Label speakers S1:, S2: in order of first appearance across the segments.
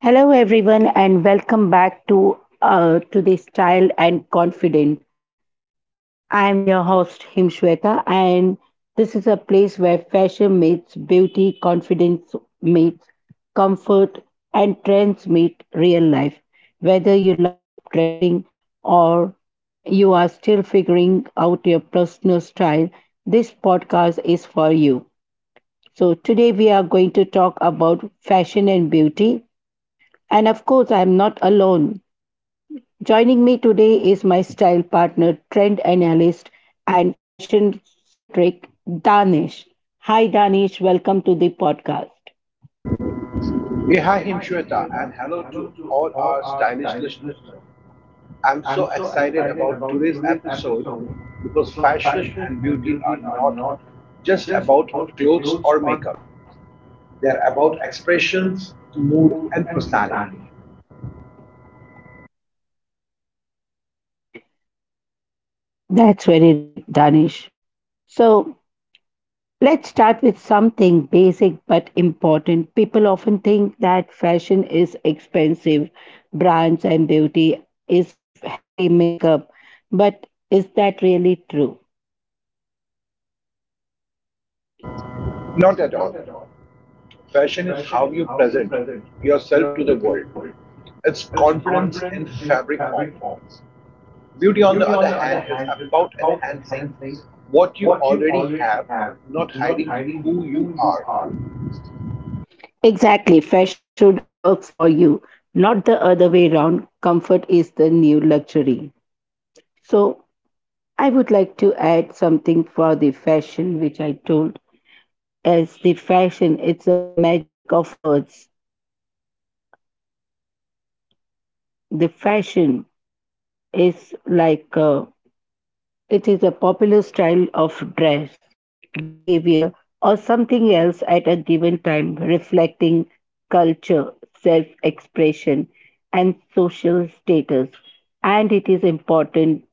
S1: Hello, everyone, and welcome back to the Style and Confident. I am your host Himshweta, and this is a place where fashion meets beauty, confidence meets comfort, and trends meet real life. Whether you love up dressing or you are still figuring out your personal style, this podcast is for you. So today we are going to talk about fashion and beauty. And of course, I'm not alone. Joining me today is my style partner, trend analyst, and fashion citric, Danish. Hi, Danish. Welcome to the podcast.
S2: Yeah, hi Himshweta, and hello to all our stylish listeners. I'm so excited about today's episode because fashion and beauty are not just about clothes or makeup, they're about expressions, mood, and personality.
S1: That's very right, Danish. So let's start with something basic but important. People often think that fashion is expensive, brands and beauty is heavy makeup, but is that really true?
S2: Not at all. Fashion is how you present yourself to the world, it's confidence in fabric form. Beauty, on the other hand, is about enhancing what you already have, not hiding who you are.
S1: Exactly. Fashion should work for you, not the other way around. Comfort is the new luxury. So, I would like to add something for the fashion, which I told as the fashion, it's a magic of words. The fashion is it is a popular style of dress, behavior, or something else at a given time, reflecting culture, self expression, and social status. And it is important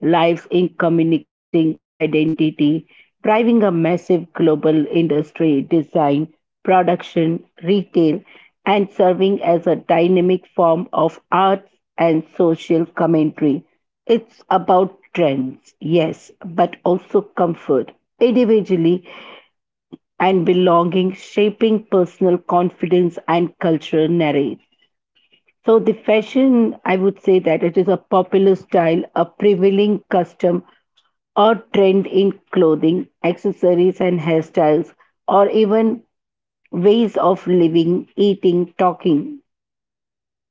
S1: lives in communicating identity, driving a massive global industry, design, production, retail, and serving as a dynamic form of arts and social commentary. It's about trends, yes, but also comfort, individually and belonging, shaping personal confidence and cultural narrative. So the fashion, I would say that it is a popular style, a prevailing custom or trend in clothing, accessories and hairstyles, or even ways of living, eating, talking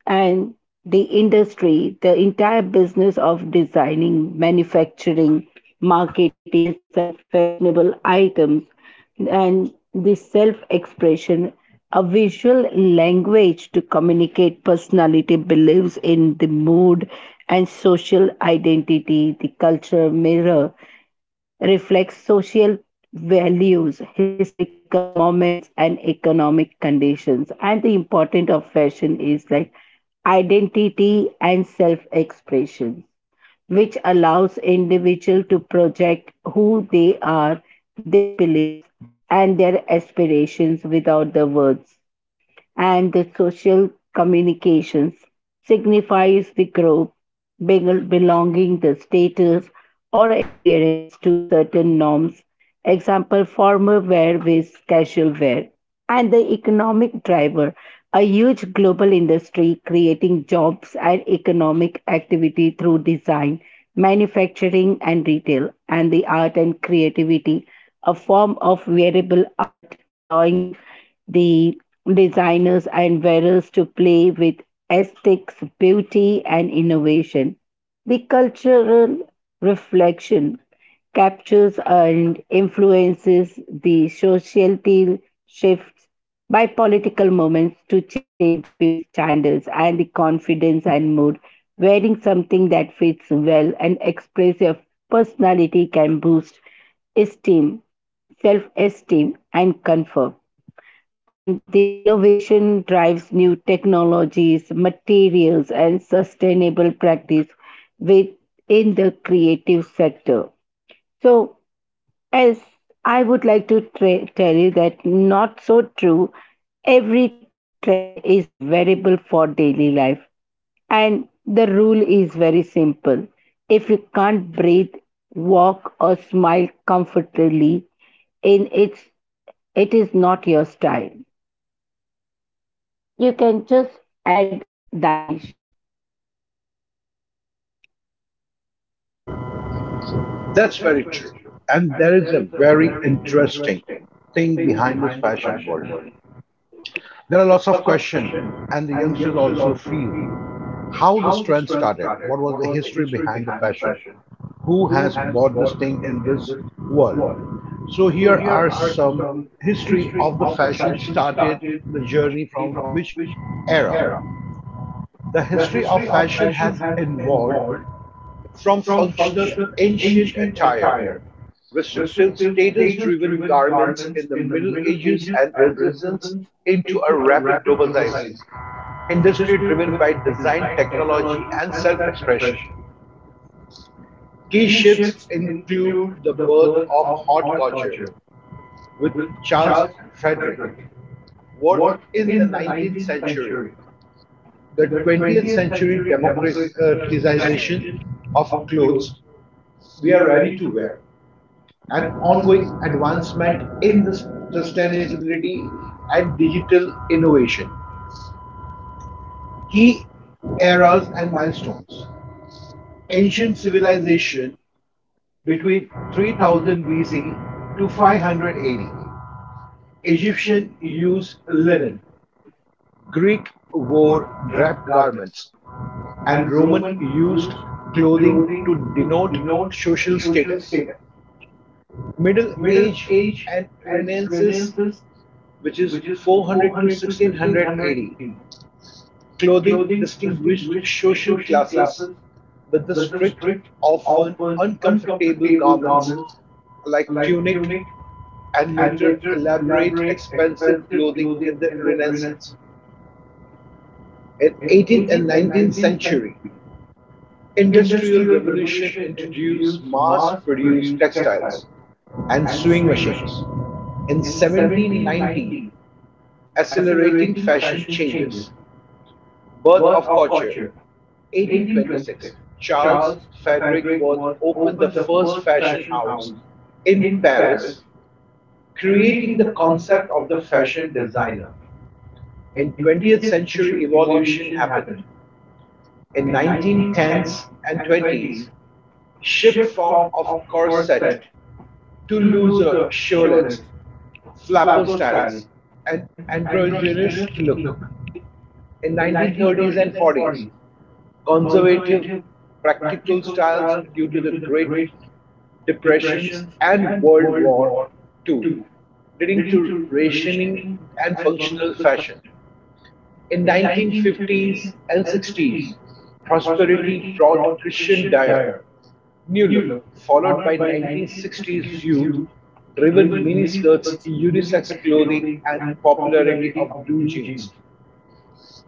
S1: and the industry, the entire business of designing, manufacturing, marketing, and selling fashionable items, and the self expression, a visual language to communicate personality, believes in the mood and social identity, the culture mirror reflects social values, historical moments, and economic conditions. And the importance of fashion is like identity and self expression, which allows individual to project who they are, their beliefs, and their aspirations without the words and the social communications signifies the group belonging the status or adherence to certain norms example formal wear with casual wear and the economic driver a huge global industry creating jobs and economic activity through design manufacturing and retail and the art and creativity a form of wearable art allowing the designers and wearers to play with aesthetics, beauty, and innovation. The cultural reflection captures and influences the societal shifts by political movements to changing beauty standards and the confidence and mood. Wearing something that fits well and expresses your personality can boost esteem, self esteem, and comfort. And the innovation drives new technologies, materials, and sustainable practice within the creative sector. So, as I would like to tell you that not so true, every trend is variable for daily life. And the rule is very simple if you can't breathe, walk, or smile comfortably, in its, it is not your style. You can just add Danish.
S2: That's very true. And there is a very interesting thing behind this fashion world. There are lots of questions, and the youngsters also feel how this trend started, what was the history behind the fashion, who has bought this thing in this world. So here are some history of the fashion started, the journey from which era. The history of fashion has evolved from functional ancient attire restrictive status-driven garments in the Middle Ages and Renaissance into a rapid globalized industry driven by design, technology, and self-expression. Key shifts include the birth of haute couture with Charles Frederick Worth in the 19th century, the 20th century democratization of clothes we are ready to wear, and ongoing advancement in the sustainability and digital innovation. Key eras and milestones. Ancient civilization between 3000 BC to 500 AD. Egyptian used linen. Greek wore draped garments and Roman used clothing to denote social status. Middle Age and Renaissance, which is 400 to 1600 AD. Clothing distinguished social classes with the strict, often uncomfortable garments like tunic and later elaborate expensive clothing in the Renaissance. In 18th and 19th century, industrial revolution introduced mass-produced textiles and sewing machines. In 1790, accelerating fashion changes. Birth of Culture. 1826, Charles Frederick Worth opened the first fashion house in Paris, creating the concept of the fashion designer. In 20th century evolution happened. In 1910s and 20s, shift form of corset to looser shawlets, flapper styles, and androgynous look. In 1930s and 40s, conservative practical styles due to the Great Depressions and World War II, leading to rationing and functional fashion. In 1950s and 60s, prosperity brought Christian Dior new look, followed by 1960s youth driven miniskirts, unisex clothing, and popularity of blue jeans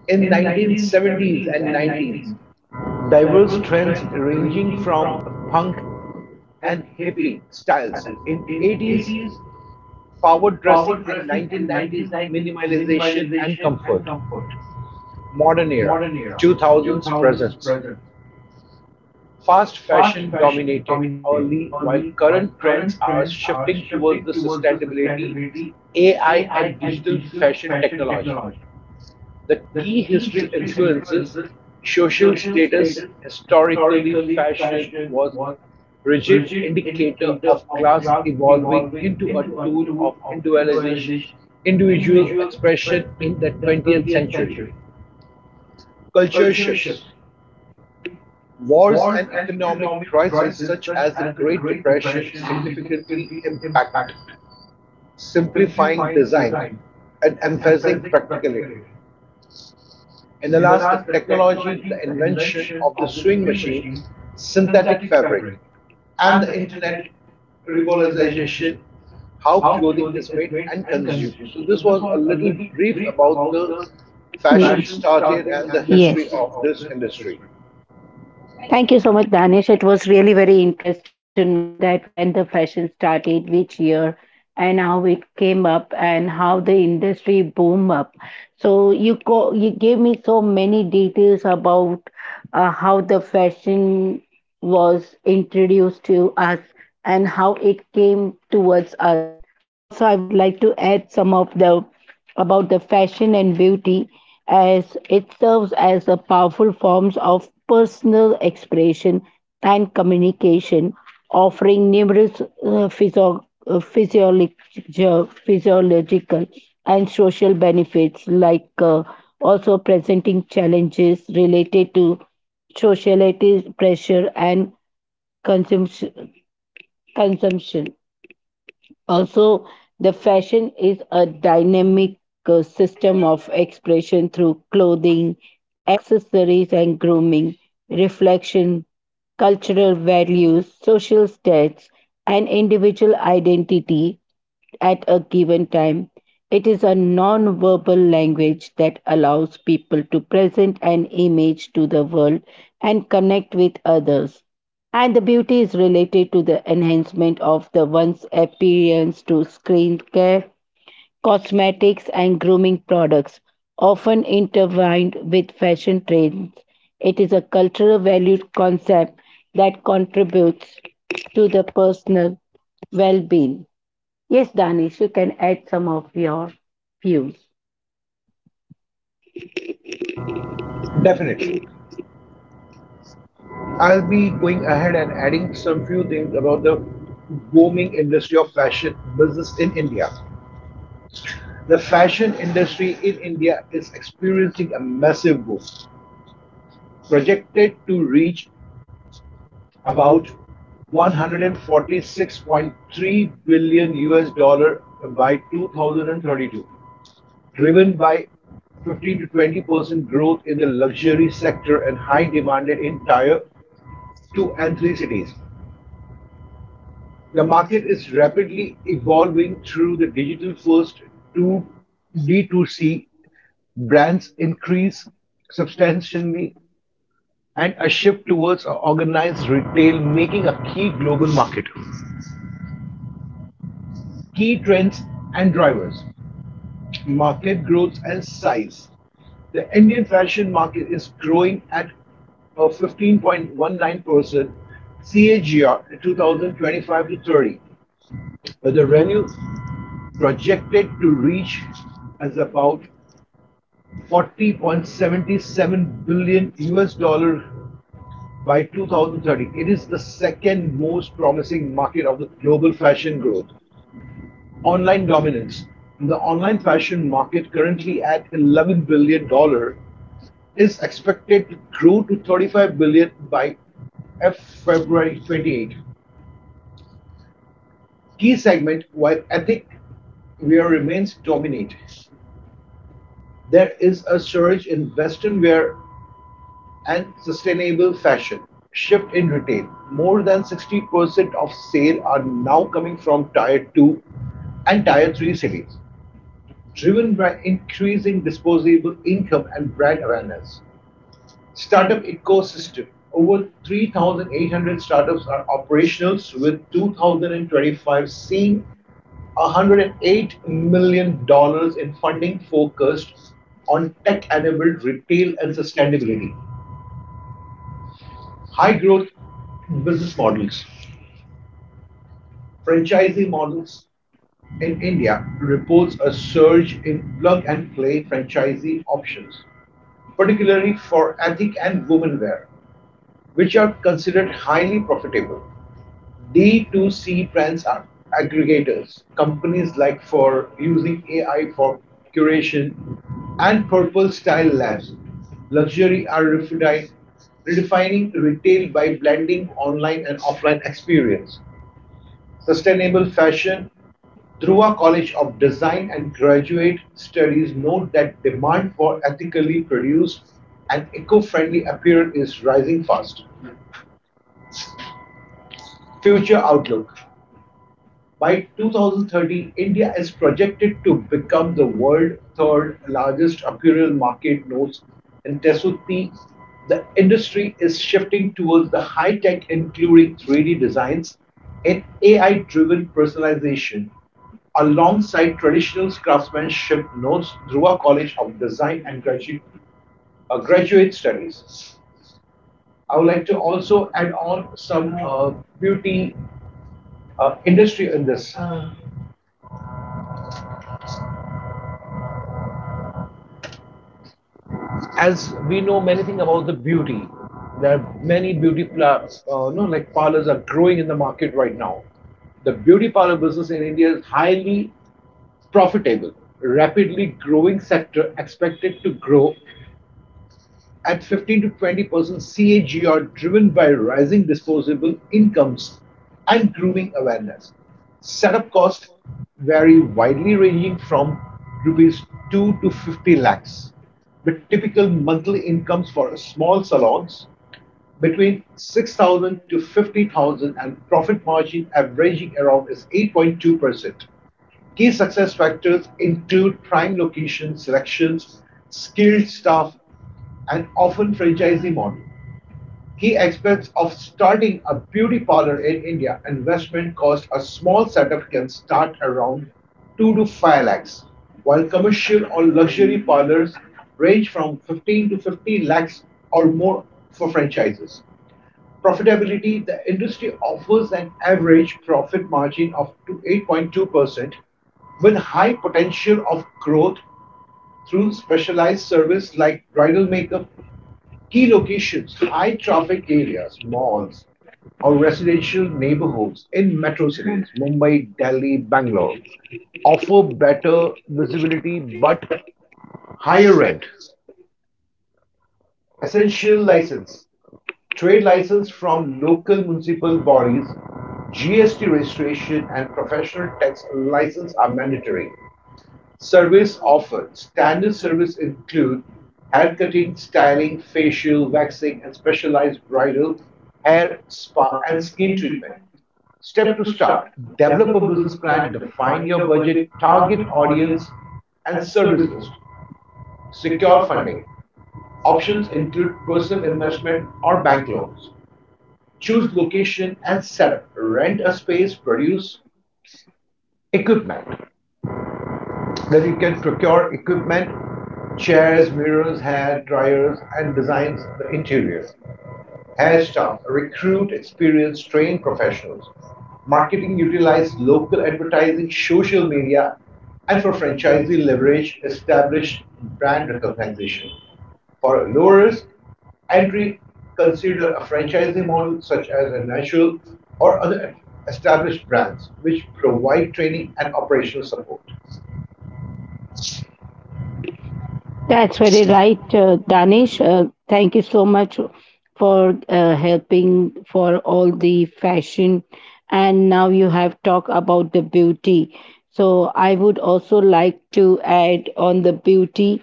S2: in 1970s and 90s, diverse trends ranging from punk and hippie styles, in 80s power dressing and 1990s minimalization and comfort, modern era 2000s presence fast fashion dominated early, while current trends are shifting towards the sustainability, AI and digital fashion technology. The key history influences, social status, historically fashion was rigid indicator of class evolving into a tool of individualization, individual expression in the 20th century. Culture shifts. Wars and economic crises such as the Great Depression significantly impact simplifying design and emphasizing practicality. In the last, the technology, the invention of the sewing machine, synthetic fabric, and the internet revolutionization, how clothing is made and consumed. So, this was a little brief about the fashion started and the
S1: Yes.
S2: history of this industry.
S1: Thank you so much, Danish. It was really very interesting to know that when the fashion started, which year, and how it came up, and how the industry boom up. So you gave me so many details about how the fashion was introduced to us and how it came towards us. Also, I would like to add some of the about the fashion and beauty as it serves as a powerful forms of personal expression and communication, offering numerous physiological and social benefits also presenting challenges related to sociality pressure and consumption. consumption. Also, the fashion is a dynamic system of expression through clothing, accessories, and grooming, reflection, cultural values, social status, and individual identity at a given time. It is a non verbal language that allows people to present an image to the world and connect with others. And the beauty is related to the enhancement of the one's appearance to skincare, cosmetics, and grooming products, often intertwined with fashion trends. It is a cultural valued concept that contributes to the personal well being. Yes, Danish, you can add some of your views.
S2: Definitely. I'll be going ahead and adding some few things about the booming industry of fashion business in India. The fashion industry in India is experiencing a massive boom projected to reach about 146.3 billion US dollar by 2032, driven by 15 to 20% growth in the luxury sector and high demand in tier 2 and 3 cities. The market is rapidly evolving through the digital first to D2C brands increase substantially and a shift towards organized retail, making a key global market. Key trends and drivers market growth and size. The Indian fashion market is growing at a 15.19% CAGR in 2025 to 30, with the revenue projected to reach as about 40.77 billion US dollar by 2030. It is the second most promising market of the global fashion growth. Online dominance. The online fashion market, currently at $11 billion, dollars, is expected to grow to $35 billion dollars by February 28. Key segment, while ethnic wear remains dominant. There is a surge in western wear and sustainable fashion shift in retail. More than 60% of sales are now coming from tier 2 and tier 3 cities, driven by increasing disposable income and brand awareness. Startup ecosystem, over 3,800 startups are operational, with 2025 seeing $108 million dollars in funding focused on tech enabled retail and sustainability. High growth business models. Franchisee models in India reports a surge in plug and play franchisee options, particularly for ethnic and women wear which are considered highly profitable. D2C brands are aggregators, companies like for using AI for curation and purple style labs. Luxury are redefining retail by blending online and offline experience. Sustainable fashion through College of Design and graduate studies note that demand for ethically produced and eco-friendly apparel is rising fast. Future outlook. By 2030, India is projected to become the world's third largest apparel market notes and tessuti. The industry is shifting towards the high tech, including 3D designs and AI driven personalization. Alongside traditional craftsmanship notes, Dhruva College of Design and Graduate Studies. I would like to also add on some beauty industry in this. As we know many things about the beauty, there are many beauty pla- no like parlors are growing in the market right now. The beauty parlor business in India is highly profitable, rapidly growing sector expected to grow at 15 to 20% CAGR, driven by rising disposable incomes and grooming awareness. Setup costs vary widely, ranging from rupees 2 to 50 lakhs, with typical monthly incomes for small salons between 6,000 to 50,000 and profit margin averaging around is 8.2%. Key success factors include prime location selections, skilled staff, and often franchisee model. Key expense of starting a beauty parlor in India, investment cost, a small setup can start around 2 to 5 lakhs, while commercial or luxury parlors range from 15 to 50 lakhs or more for franchises. Profitability, the industry offers an average profit margin of to 8.2%, with high potential of growth through specialized service like bridal makeup. Key locations, high traffic areas, malls, or residential neighborhoods in metro cities, Mumbai, Delhi, Bangalore, offer better visibility but higher rent. Essential license, trade license from local municipal bodies, GST registration, and professional tax license are mandatory. Service offered: standard services include haircutting, styling, facial, waxing and specialized bridal, hair, spa and skin treatment. Step to start. Develop a business plan, define your budget, target audience, and service list. Secure funding. Options include personal investment or bank loans. Choose location and setup. Rent a space, produce equipment, that you can procure equipment, chairs, mirrors, hair dryers, and designs the interior. Hair staff, recruit experienced trained professionals. Marketing, utilize local advertising, social media, and for franchisee leverage established brand recognition. For low risk entry, consider a franchisee model such as a natural or other established brands which provide training and operational support.
S1: That's very right, Danish. Thank you so much for helping for all the fashion. And now you have talked about the beauty. So I would also like to add on the beauty,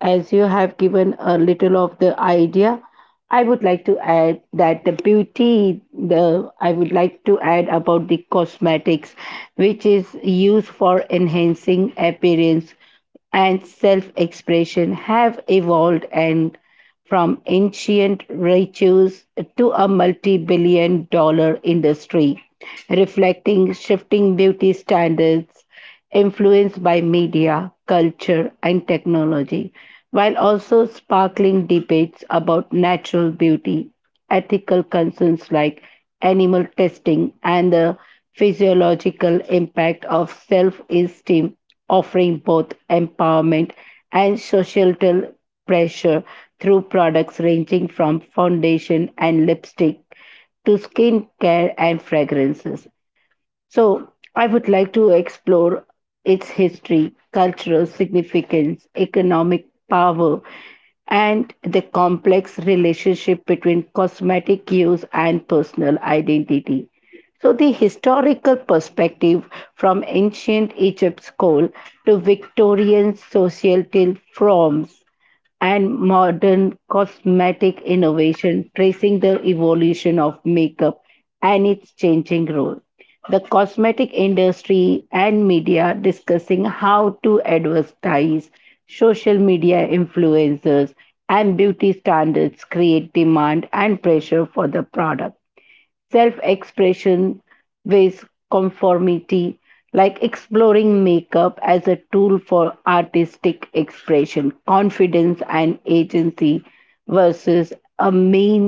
S1: as you have given a little of the idea. I would like to add that the beauty, the I would like to add about the cosmetics, which is used for enhancing appearance and self-expression have evolved and from ancient rituals to a multi-billion dollar industry reflecting shifting beauty standards influenced by media, culture, and technology, while also sparkling debates about natural beauty, ethical concerns like animal testing, and the physiological impact of self esteem offering both empowerment and societal pressure through products ranging from foundation and lipstick to skincare and fragrances. So, I would like to explore its history, cultural significance, economic power, and the complex relationship between cosmetic use and personal identity. So, the historical perspective from ancient Egypt's coal to Victorian societal forms and modern cosmetic innovation, tracing the evolution of makeup and its changing role the cosmetic industry and media discussing how to advertise social media influencers and beauty standards create demand and pressure for the product self expression with conformity like exploring makeup as a tool for artistic expression confidence and agency versus a mean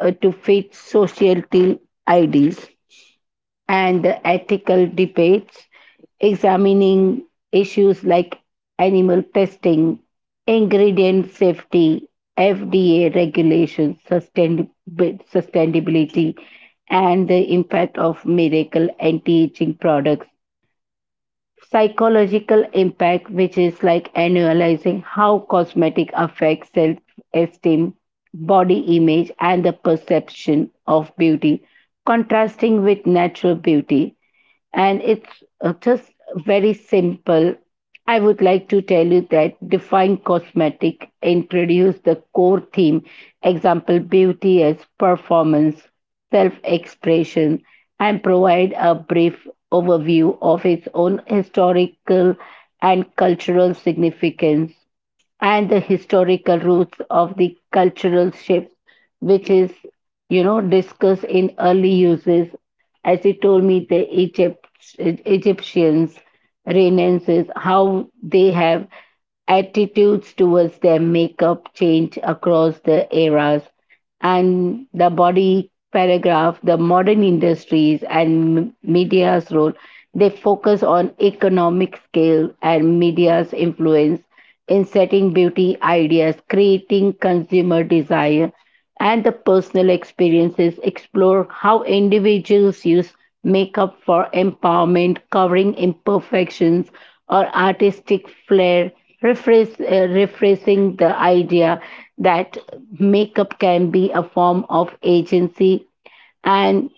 S1: to fit societal ideas and ethical debates, examining issues like animal testing, ingredient safety, FDA regulations, sustainability, and the impact of miracle anti-aging products. Psychological impact, which is like analyzing how cosmetic affects self-esteem, body image, and the perception of beauty, contrasting with natural beauty and it's just very simple. I would like to tell you that Define Cosmetic introduced the core theme, example beauty as performance, self-expression, and provide a brief overview of its own historical and cultural significance and the historical roots of the cultural shift, which is, you know, discussed in early uses. As you told me, Egyptians, Renaissance, how they have attitudes towards their makeup change across the eras and the body paragraph, the modern industries and media's role, they focus on economic scale and media's influence in setting beauty ideas, creating consumer desire, and the personal experiences explore how individuals use makeup for empowerment, covering imperfections or artistic flair rephrasing the idea that makeup can be a form of agency and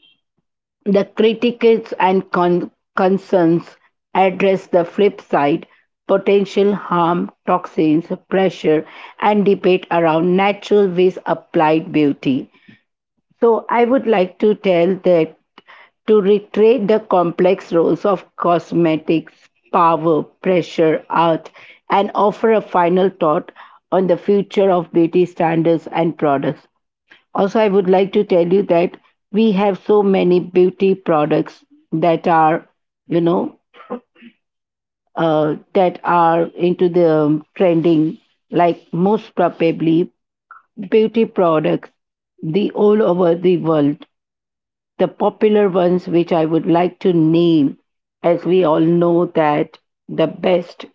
S1: the critics and concerns address the flip side potential harm toxins pressure and debate around natural ways applied beauty so I would like to tell that to retrace the complex roles of cosmetics, power, pressure, art, and offer a final thought on the future of beauty standards and products. Also, I would like to tell you that we have so many beauty products that are, you know, that are into the trending, like most probably beauty products the all over the world the popular ones which I would like to name, as we all know that the best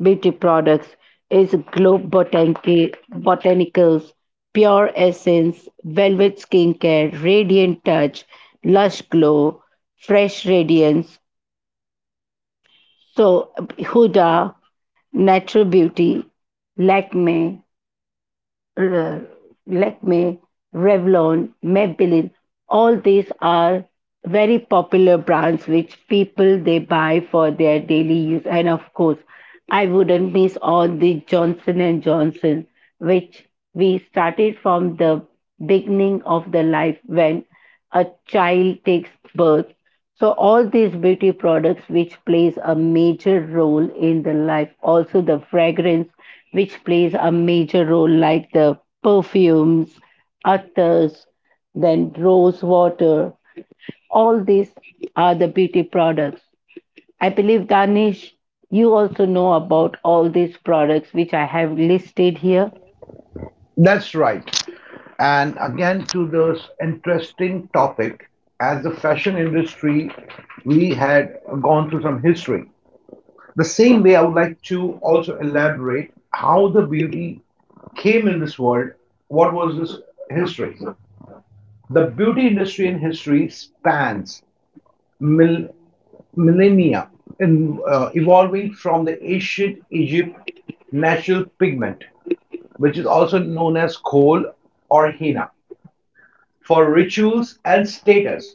S1: beauty products is Globe Botanica, Botanicals, Pure Essence, Velvet Skincare, Radiant Touch, Lush Glow, Fresh Radiance, so Huda, Natural Beauty, Lakme, uh, Lakme, Revlon, Maybelline, all these are very popular brands which people they buy for their daily use. And of course, I wouldn't miss all the Johnson and Johnson, which we started from the beginning of the life when a child takes birth so all these beauty products which plays a major role in the life, also the fragrance which plays a major role like the perfumes, attars, then rose water, all these are the beauty products. I believe Danish, you also know about all these products which I have listed here.
S2: That's right. And again, to this interesting topic, as the fashion industry, we had gone through some history. The same way, I would like to also elaborate how the beauty came in this world. What was this history? The beauty industry in history spans mil- millennia, evolving from the ancient Egypt natural pigment, which is also known as coal or henna, for rituals and status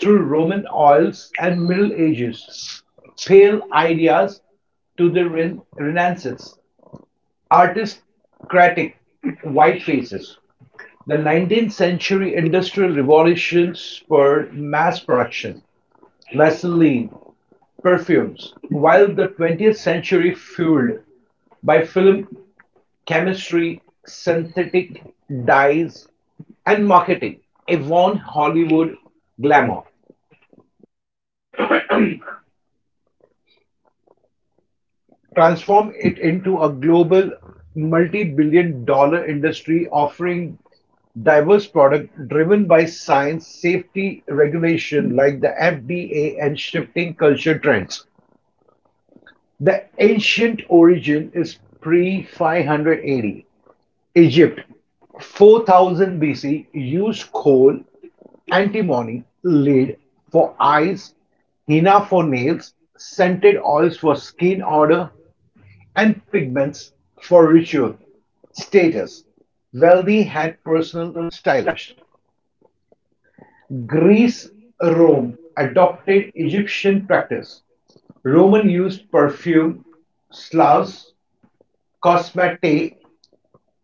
S2: through Roman oils and Middle Ages, pale ideas to the Renaissance, aristocratic white faces. The 19th century industrial revolution spurred mass production, Vaseline, perfumes, while the 20th century, fueled by film chemistry, synthetic dyes, and marketing, Avon Hollywood glamour, transformed it into a global multi-billion dollar industry offering diverse products driven by science, safety regulation like the FDA and shifting culture trends. The ancient origin is pre 580 Egypt, 4000 BC, used coal, antimony, lead for eyes, henna for nails, scented oils for skin odor, and pigments for ritual. Status, wealthy had personal stylists. Greece, Rome adopted Egyptian practice. Roman used perfume, Slavs, cosmetics.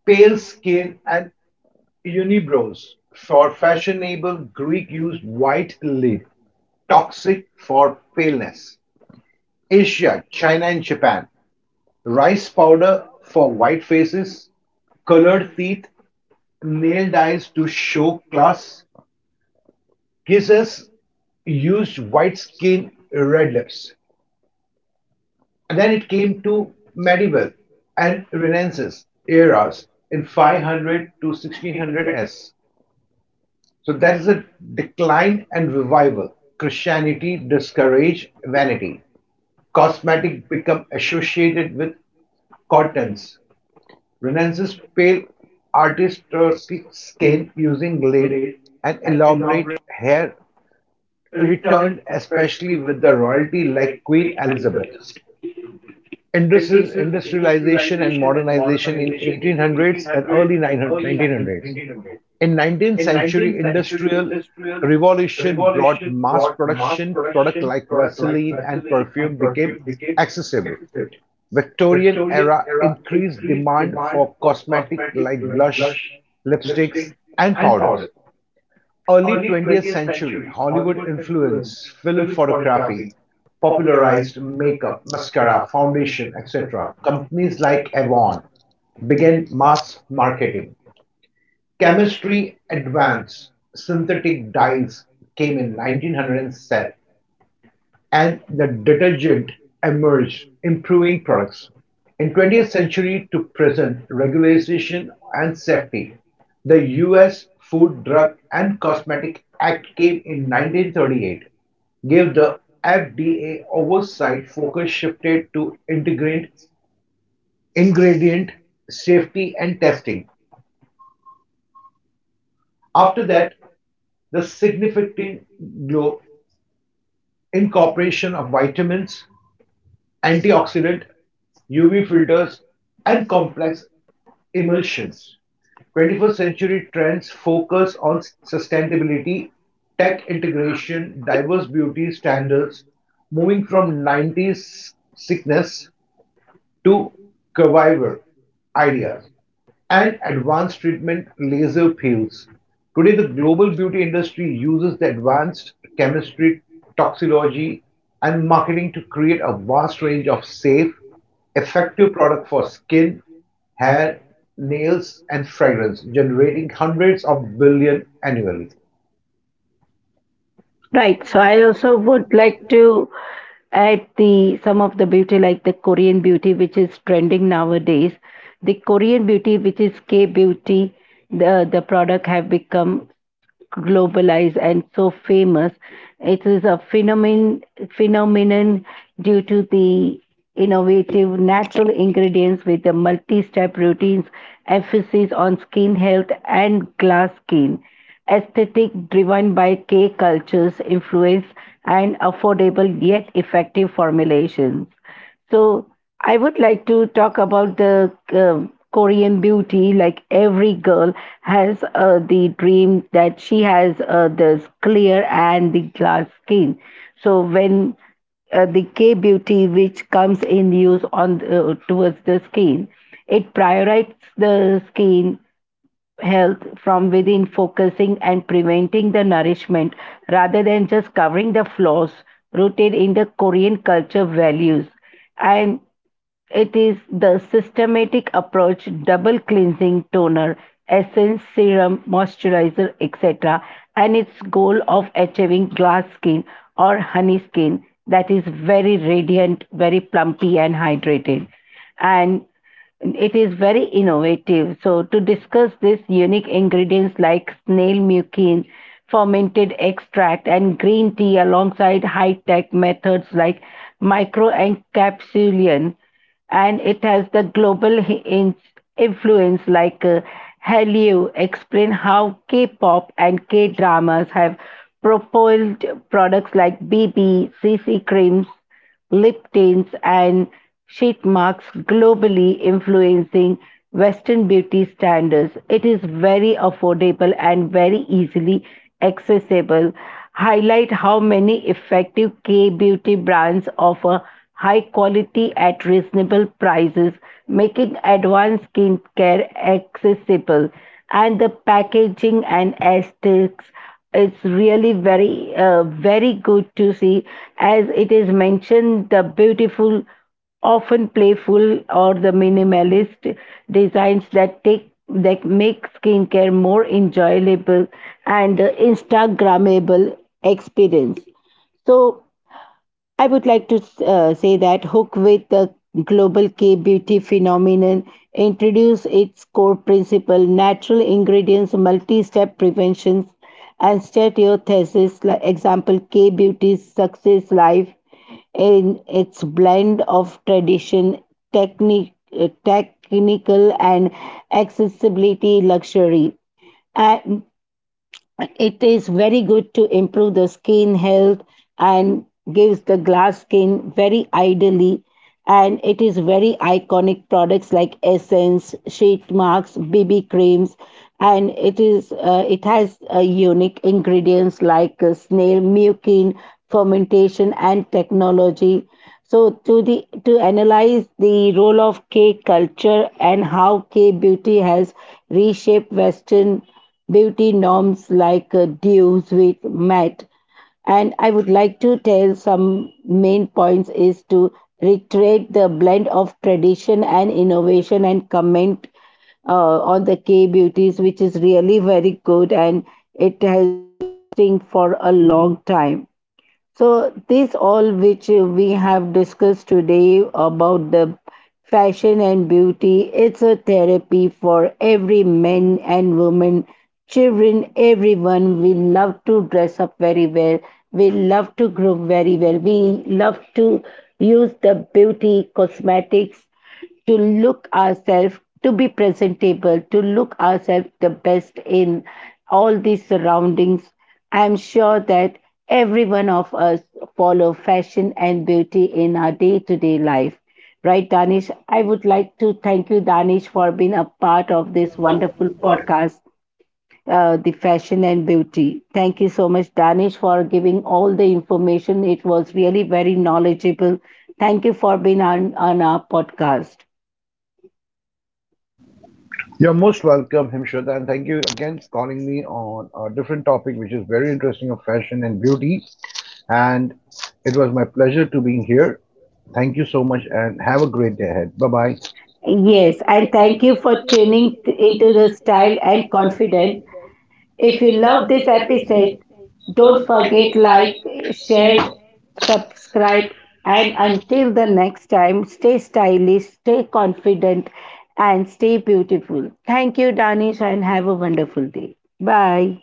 S2: Pale skin and unibrows for fashionable Greek used white lid, toxic for paleness. Asia, China and Japan, rice powder for white faces, colored teeth, nail dyes to show class, kisses used white skin, red lips. And then it came to medieval and Renaissance eras in 500 to 1600s. So that is a decline and revival. Christianity discourage vanity. Cosmetic become associated with cottons. Renaissance pale artistic skin using lead and elaborate hair returned, especially with the royalty like Queen Elizabeth. Industri- industrialization and modernization in 1800s and early 900 1900s. In 19th century industrial revolution brought mass production, product like vaseline and perfume became accessible. Victorian era increased demand for cosmetic like blush, lipsticks and powders. Early 20th-century Hollywood influence, film photography, popularized makeup, mascara, foundation, etc. Companies like Avon began mass marketing. Chemistry advanced. Synthetic dyes came in 1907 and the detergent emerged, improving products. In 20th century to present, regulation and safety, the US Food, Drug and Cosmetic Act came in 1938, gave the FDA oversight focus shifted to ingredient safety and testing. After that, the significant incorporation of vitamins, antioxidant, UV filters, and complex emulsions. 21st century trends focus on sustainability, tech integration, diverse beauty standards, moving from 90s sickness to curvilinear ideas and advanced treatment laser peels. Today, the global beauty industry uses the advanced chemistry, toxicology, and marketing to create a vast range of safe, effective products for skin, hair, nails, and fragrance, generating hundreds of billion annually.
S1: Right. So I also would like to add the some of the beauty like the Korean beauty which is trending nowadays. The Korean beauty which is K beauty, the product have become globalized and so famous. It is a phenomenon due to the innovative natural ingredients with the multi-step routines, emphasis on skin health and glass skin, aesthetic driven by K cultures influence and affordable yet effective formulations. So I would like to talk about the Korean beauty. Like every girl has the dream that she has this clear and the glass skin. So when the K beauty which comes in use on towards the skin. It prioritizes the skin health from within, focusing and preventing the nourishment rather than just covering the flaws rooted in the Korean culture values. And it is the systematic approach, double cleansing, toner, essence, serum, moisturizer, etc., and its goal of achieving glass skin or honey skin that is very radiant, very plumpy, and hydrated. And it is very innovative. So, to discuss this unique ingredients like snail mucin, fermented extract, and green tea alongside high tech methods like microencapsulation, and it has the global influence like Hallyu explain how K-pop and K-dramas have propelled products like BB, CC creams, lip tints, and sheet marks globally influencing Western beauty standards. It is very affordable and very easily accessible. Highlight how many effective K beauty brands offer high quality at reasonable prices, making advanced skincare accessible. And the packaging and aesthetics it's really very good to see as it is mentioned the beautiful often playful or the minimalist designs that take that make skincare more enjoyable and instagrammable experience so I would like to say that Hook with the global K beauty phenomenon introduced its core principle natural ingredients, multi step preventions, and stereothesis. Like example, K beauty's success life in its blend of tradition, technique, technical, and accessibility luxury. And it is very good to improve the skin health and gives the glass skin very ideally and it is very iconic products like essence sheet marks bb creams and it is it has unique ingredients like snail mucin fermentation and technology so to analyze the role of k culture and how k beauty has reshaped western beauty norms like deals with matte and I would like to tell some main points is to reiterate the blend of tradition and innovation and comment on the k beauties which is really very good and it has been for a long time so, this all which we have discussed today about the fashion and beauty, it's a therapy for every men and women, children, everyone. We love to dress up very well. We love to groom very well. We love to use the beauty cosmetics to look ourselves to be presentable to look ourselves the best in all these surroundings I'm sure that every one of us follow fashion and beauty in our day-to-day life right danish I would like to thank you danish for being a part of this wonderful podcast the fashion and beauty thank you so much danish for giving all the information it was really very knowledgeable thank you for being on our podcast
S2: You're most welcome, Himshad, and thank you again for calling me on a different topic, which is very interesting of fashion and beauty. And it was my pleasure to be here. Thank you so much, and have a great day ahead. Bye bye.
S1: Yes,
S2: Yes,
S1: and
S2: I
S1: thank
S2: thank
S1: you
S2: you
S1: for
S2: for tuning
S1: tuning
S2: into
S1: into the
S2: the style
S1: style and
S2: and
S1: confident.
S2: confidence.
S1: If
S2: If
S1: you
S2: you
S1: love
S2: love
S1: this
S2: this
S1: episode,
S2: episode,
S1: don't
S2: don't forget
S1: forget
S2: like,
S1: like,
S2: share,
S1: share,
S2: subscribe,
S1: subscribe, and
S2: and until
S1: until the
S2: the
S1: next time, stay stylish, stay confident, and stay beautiful. Thank you, Danish, and have a wonderful day. Bye.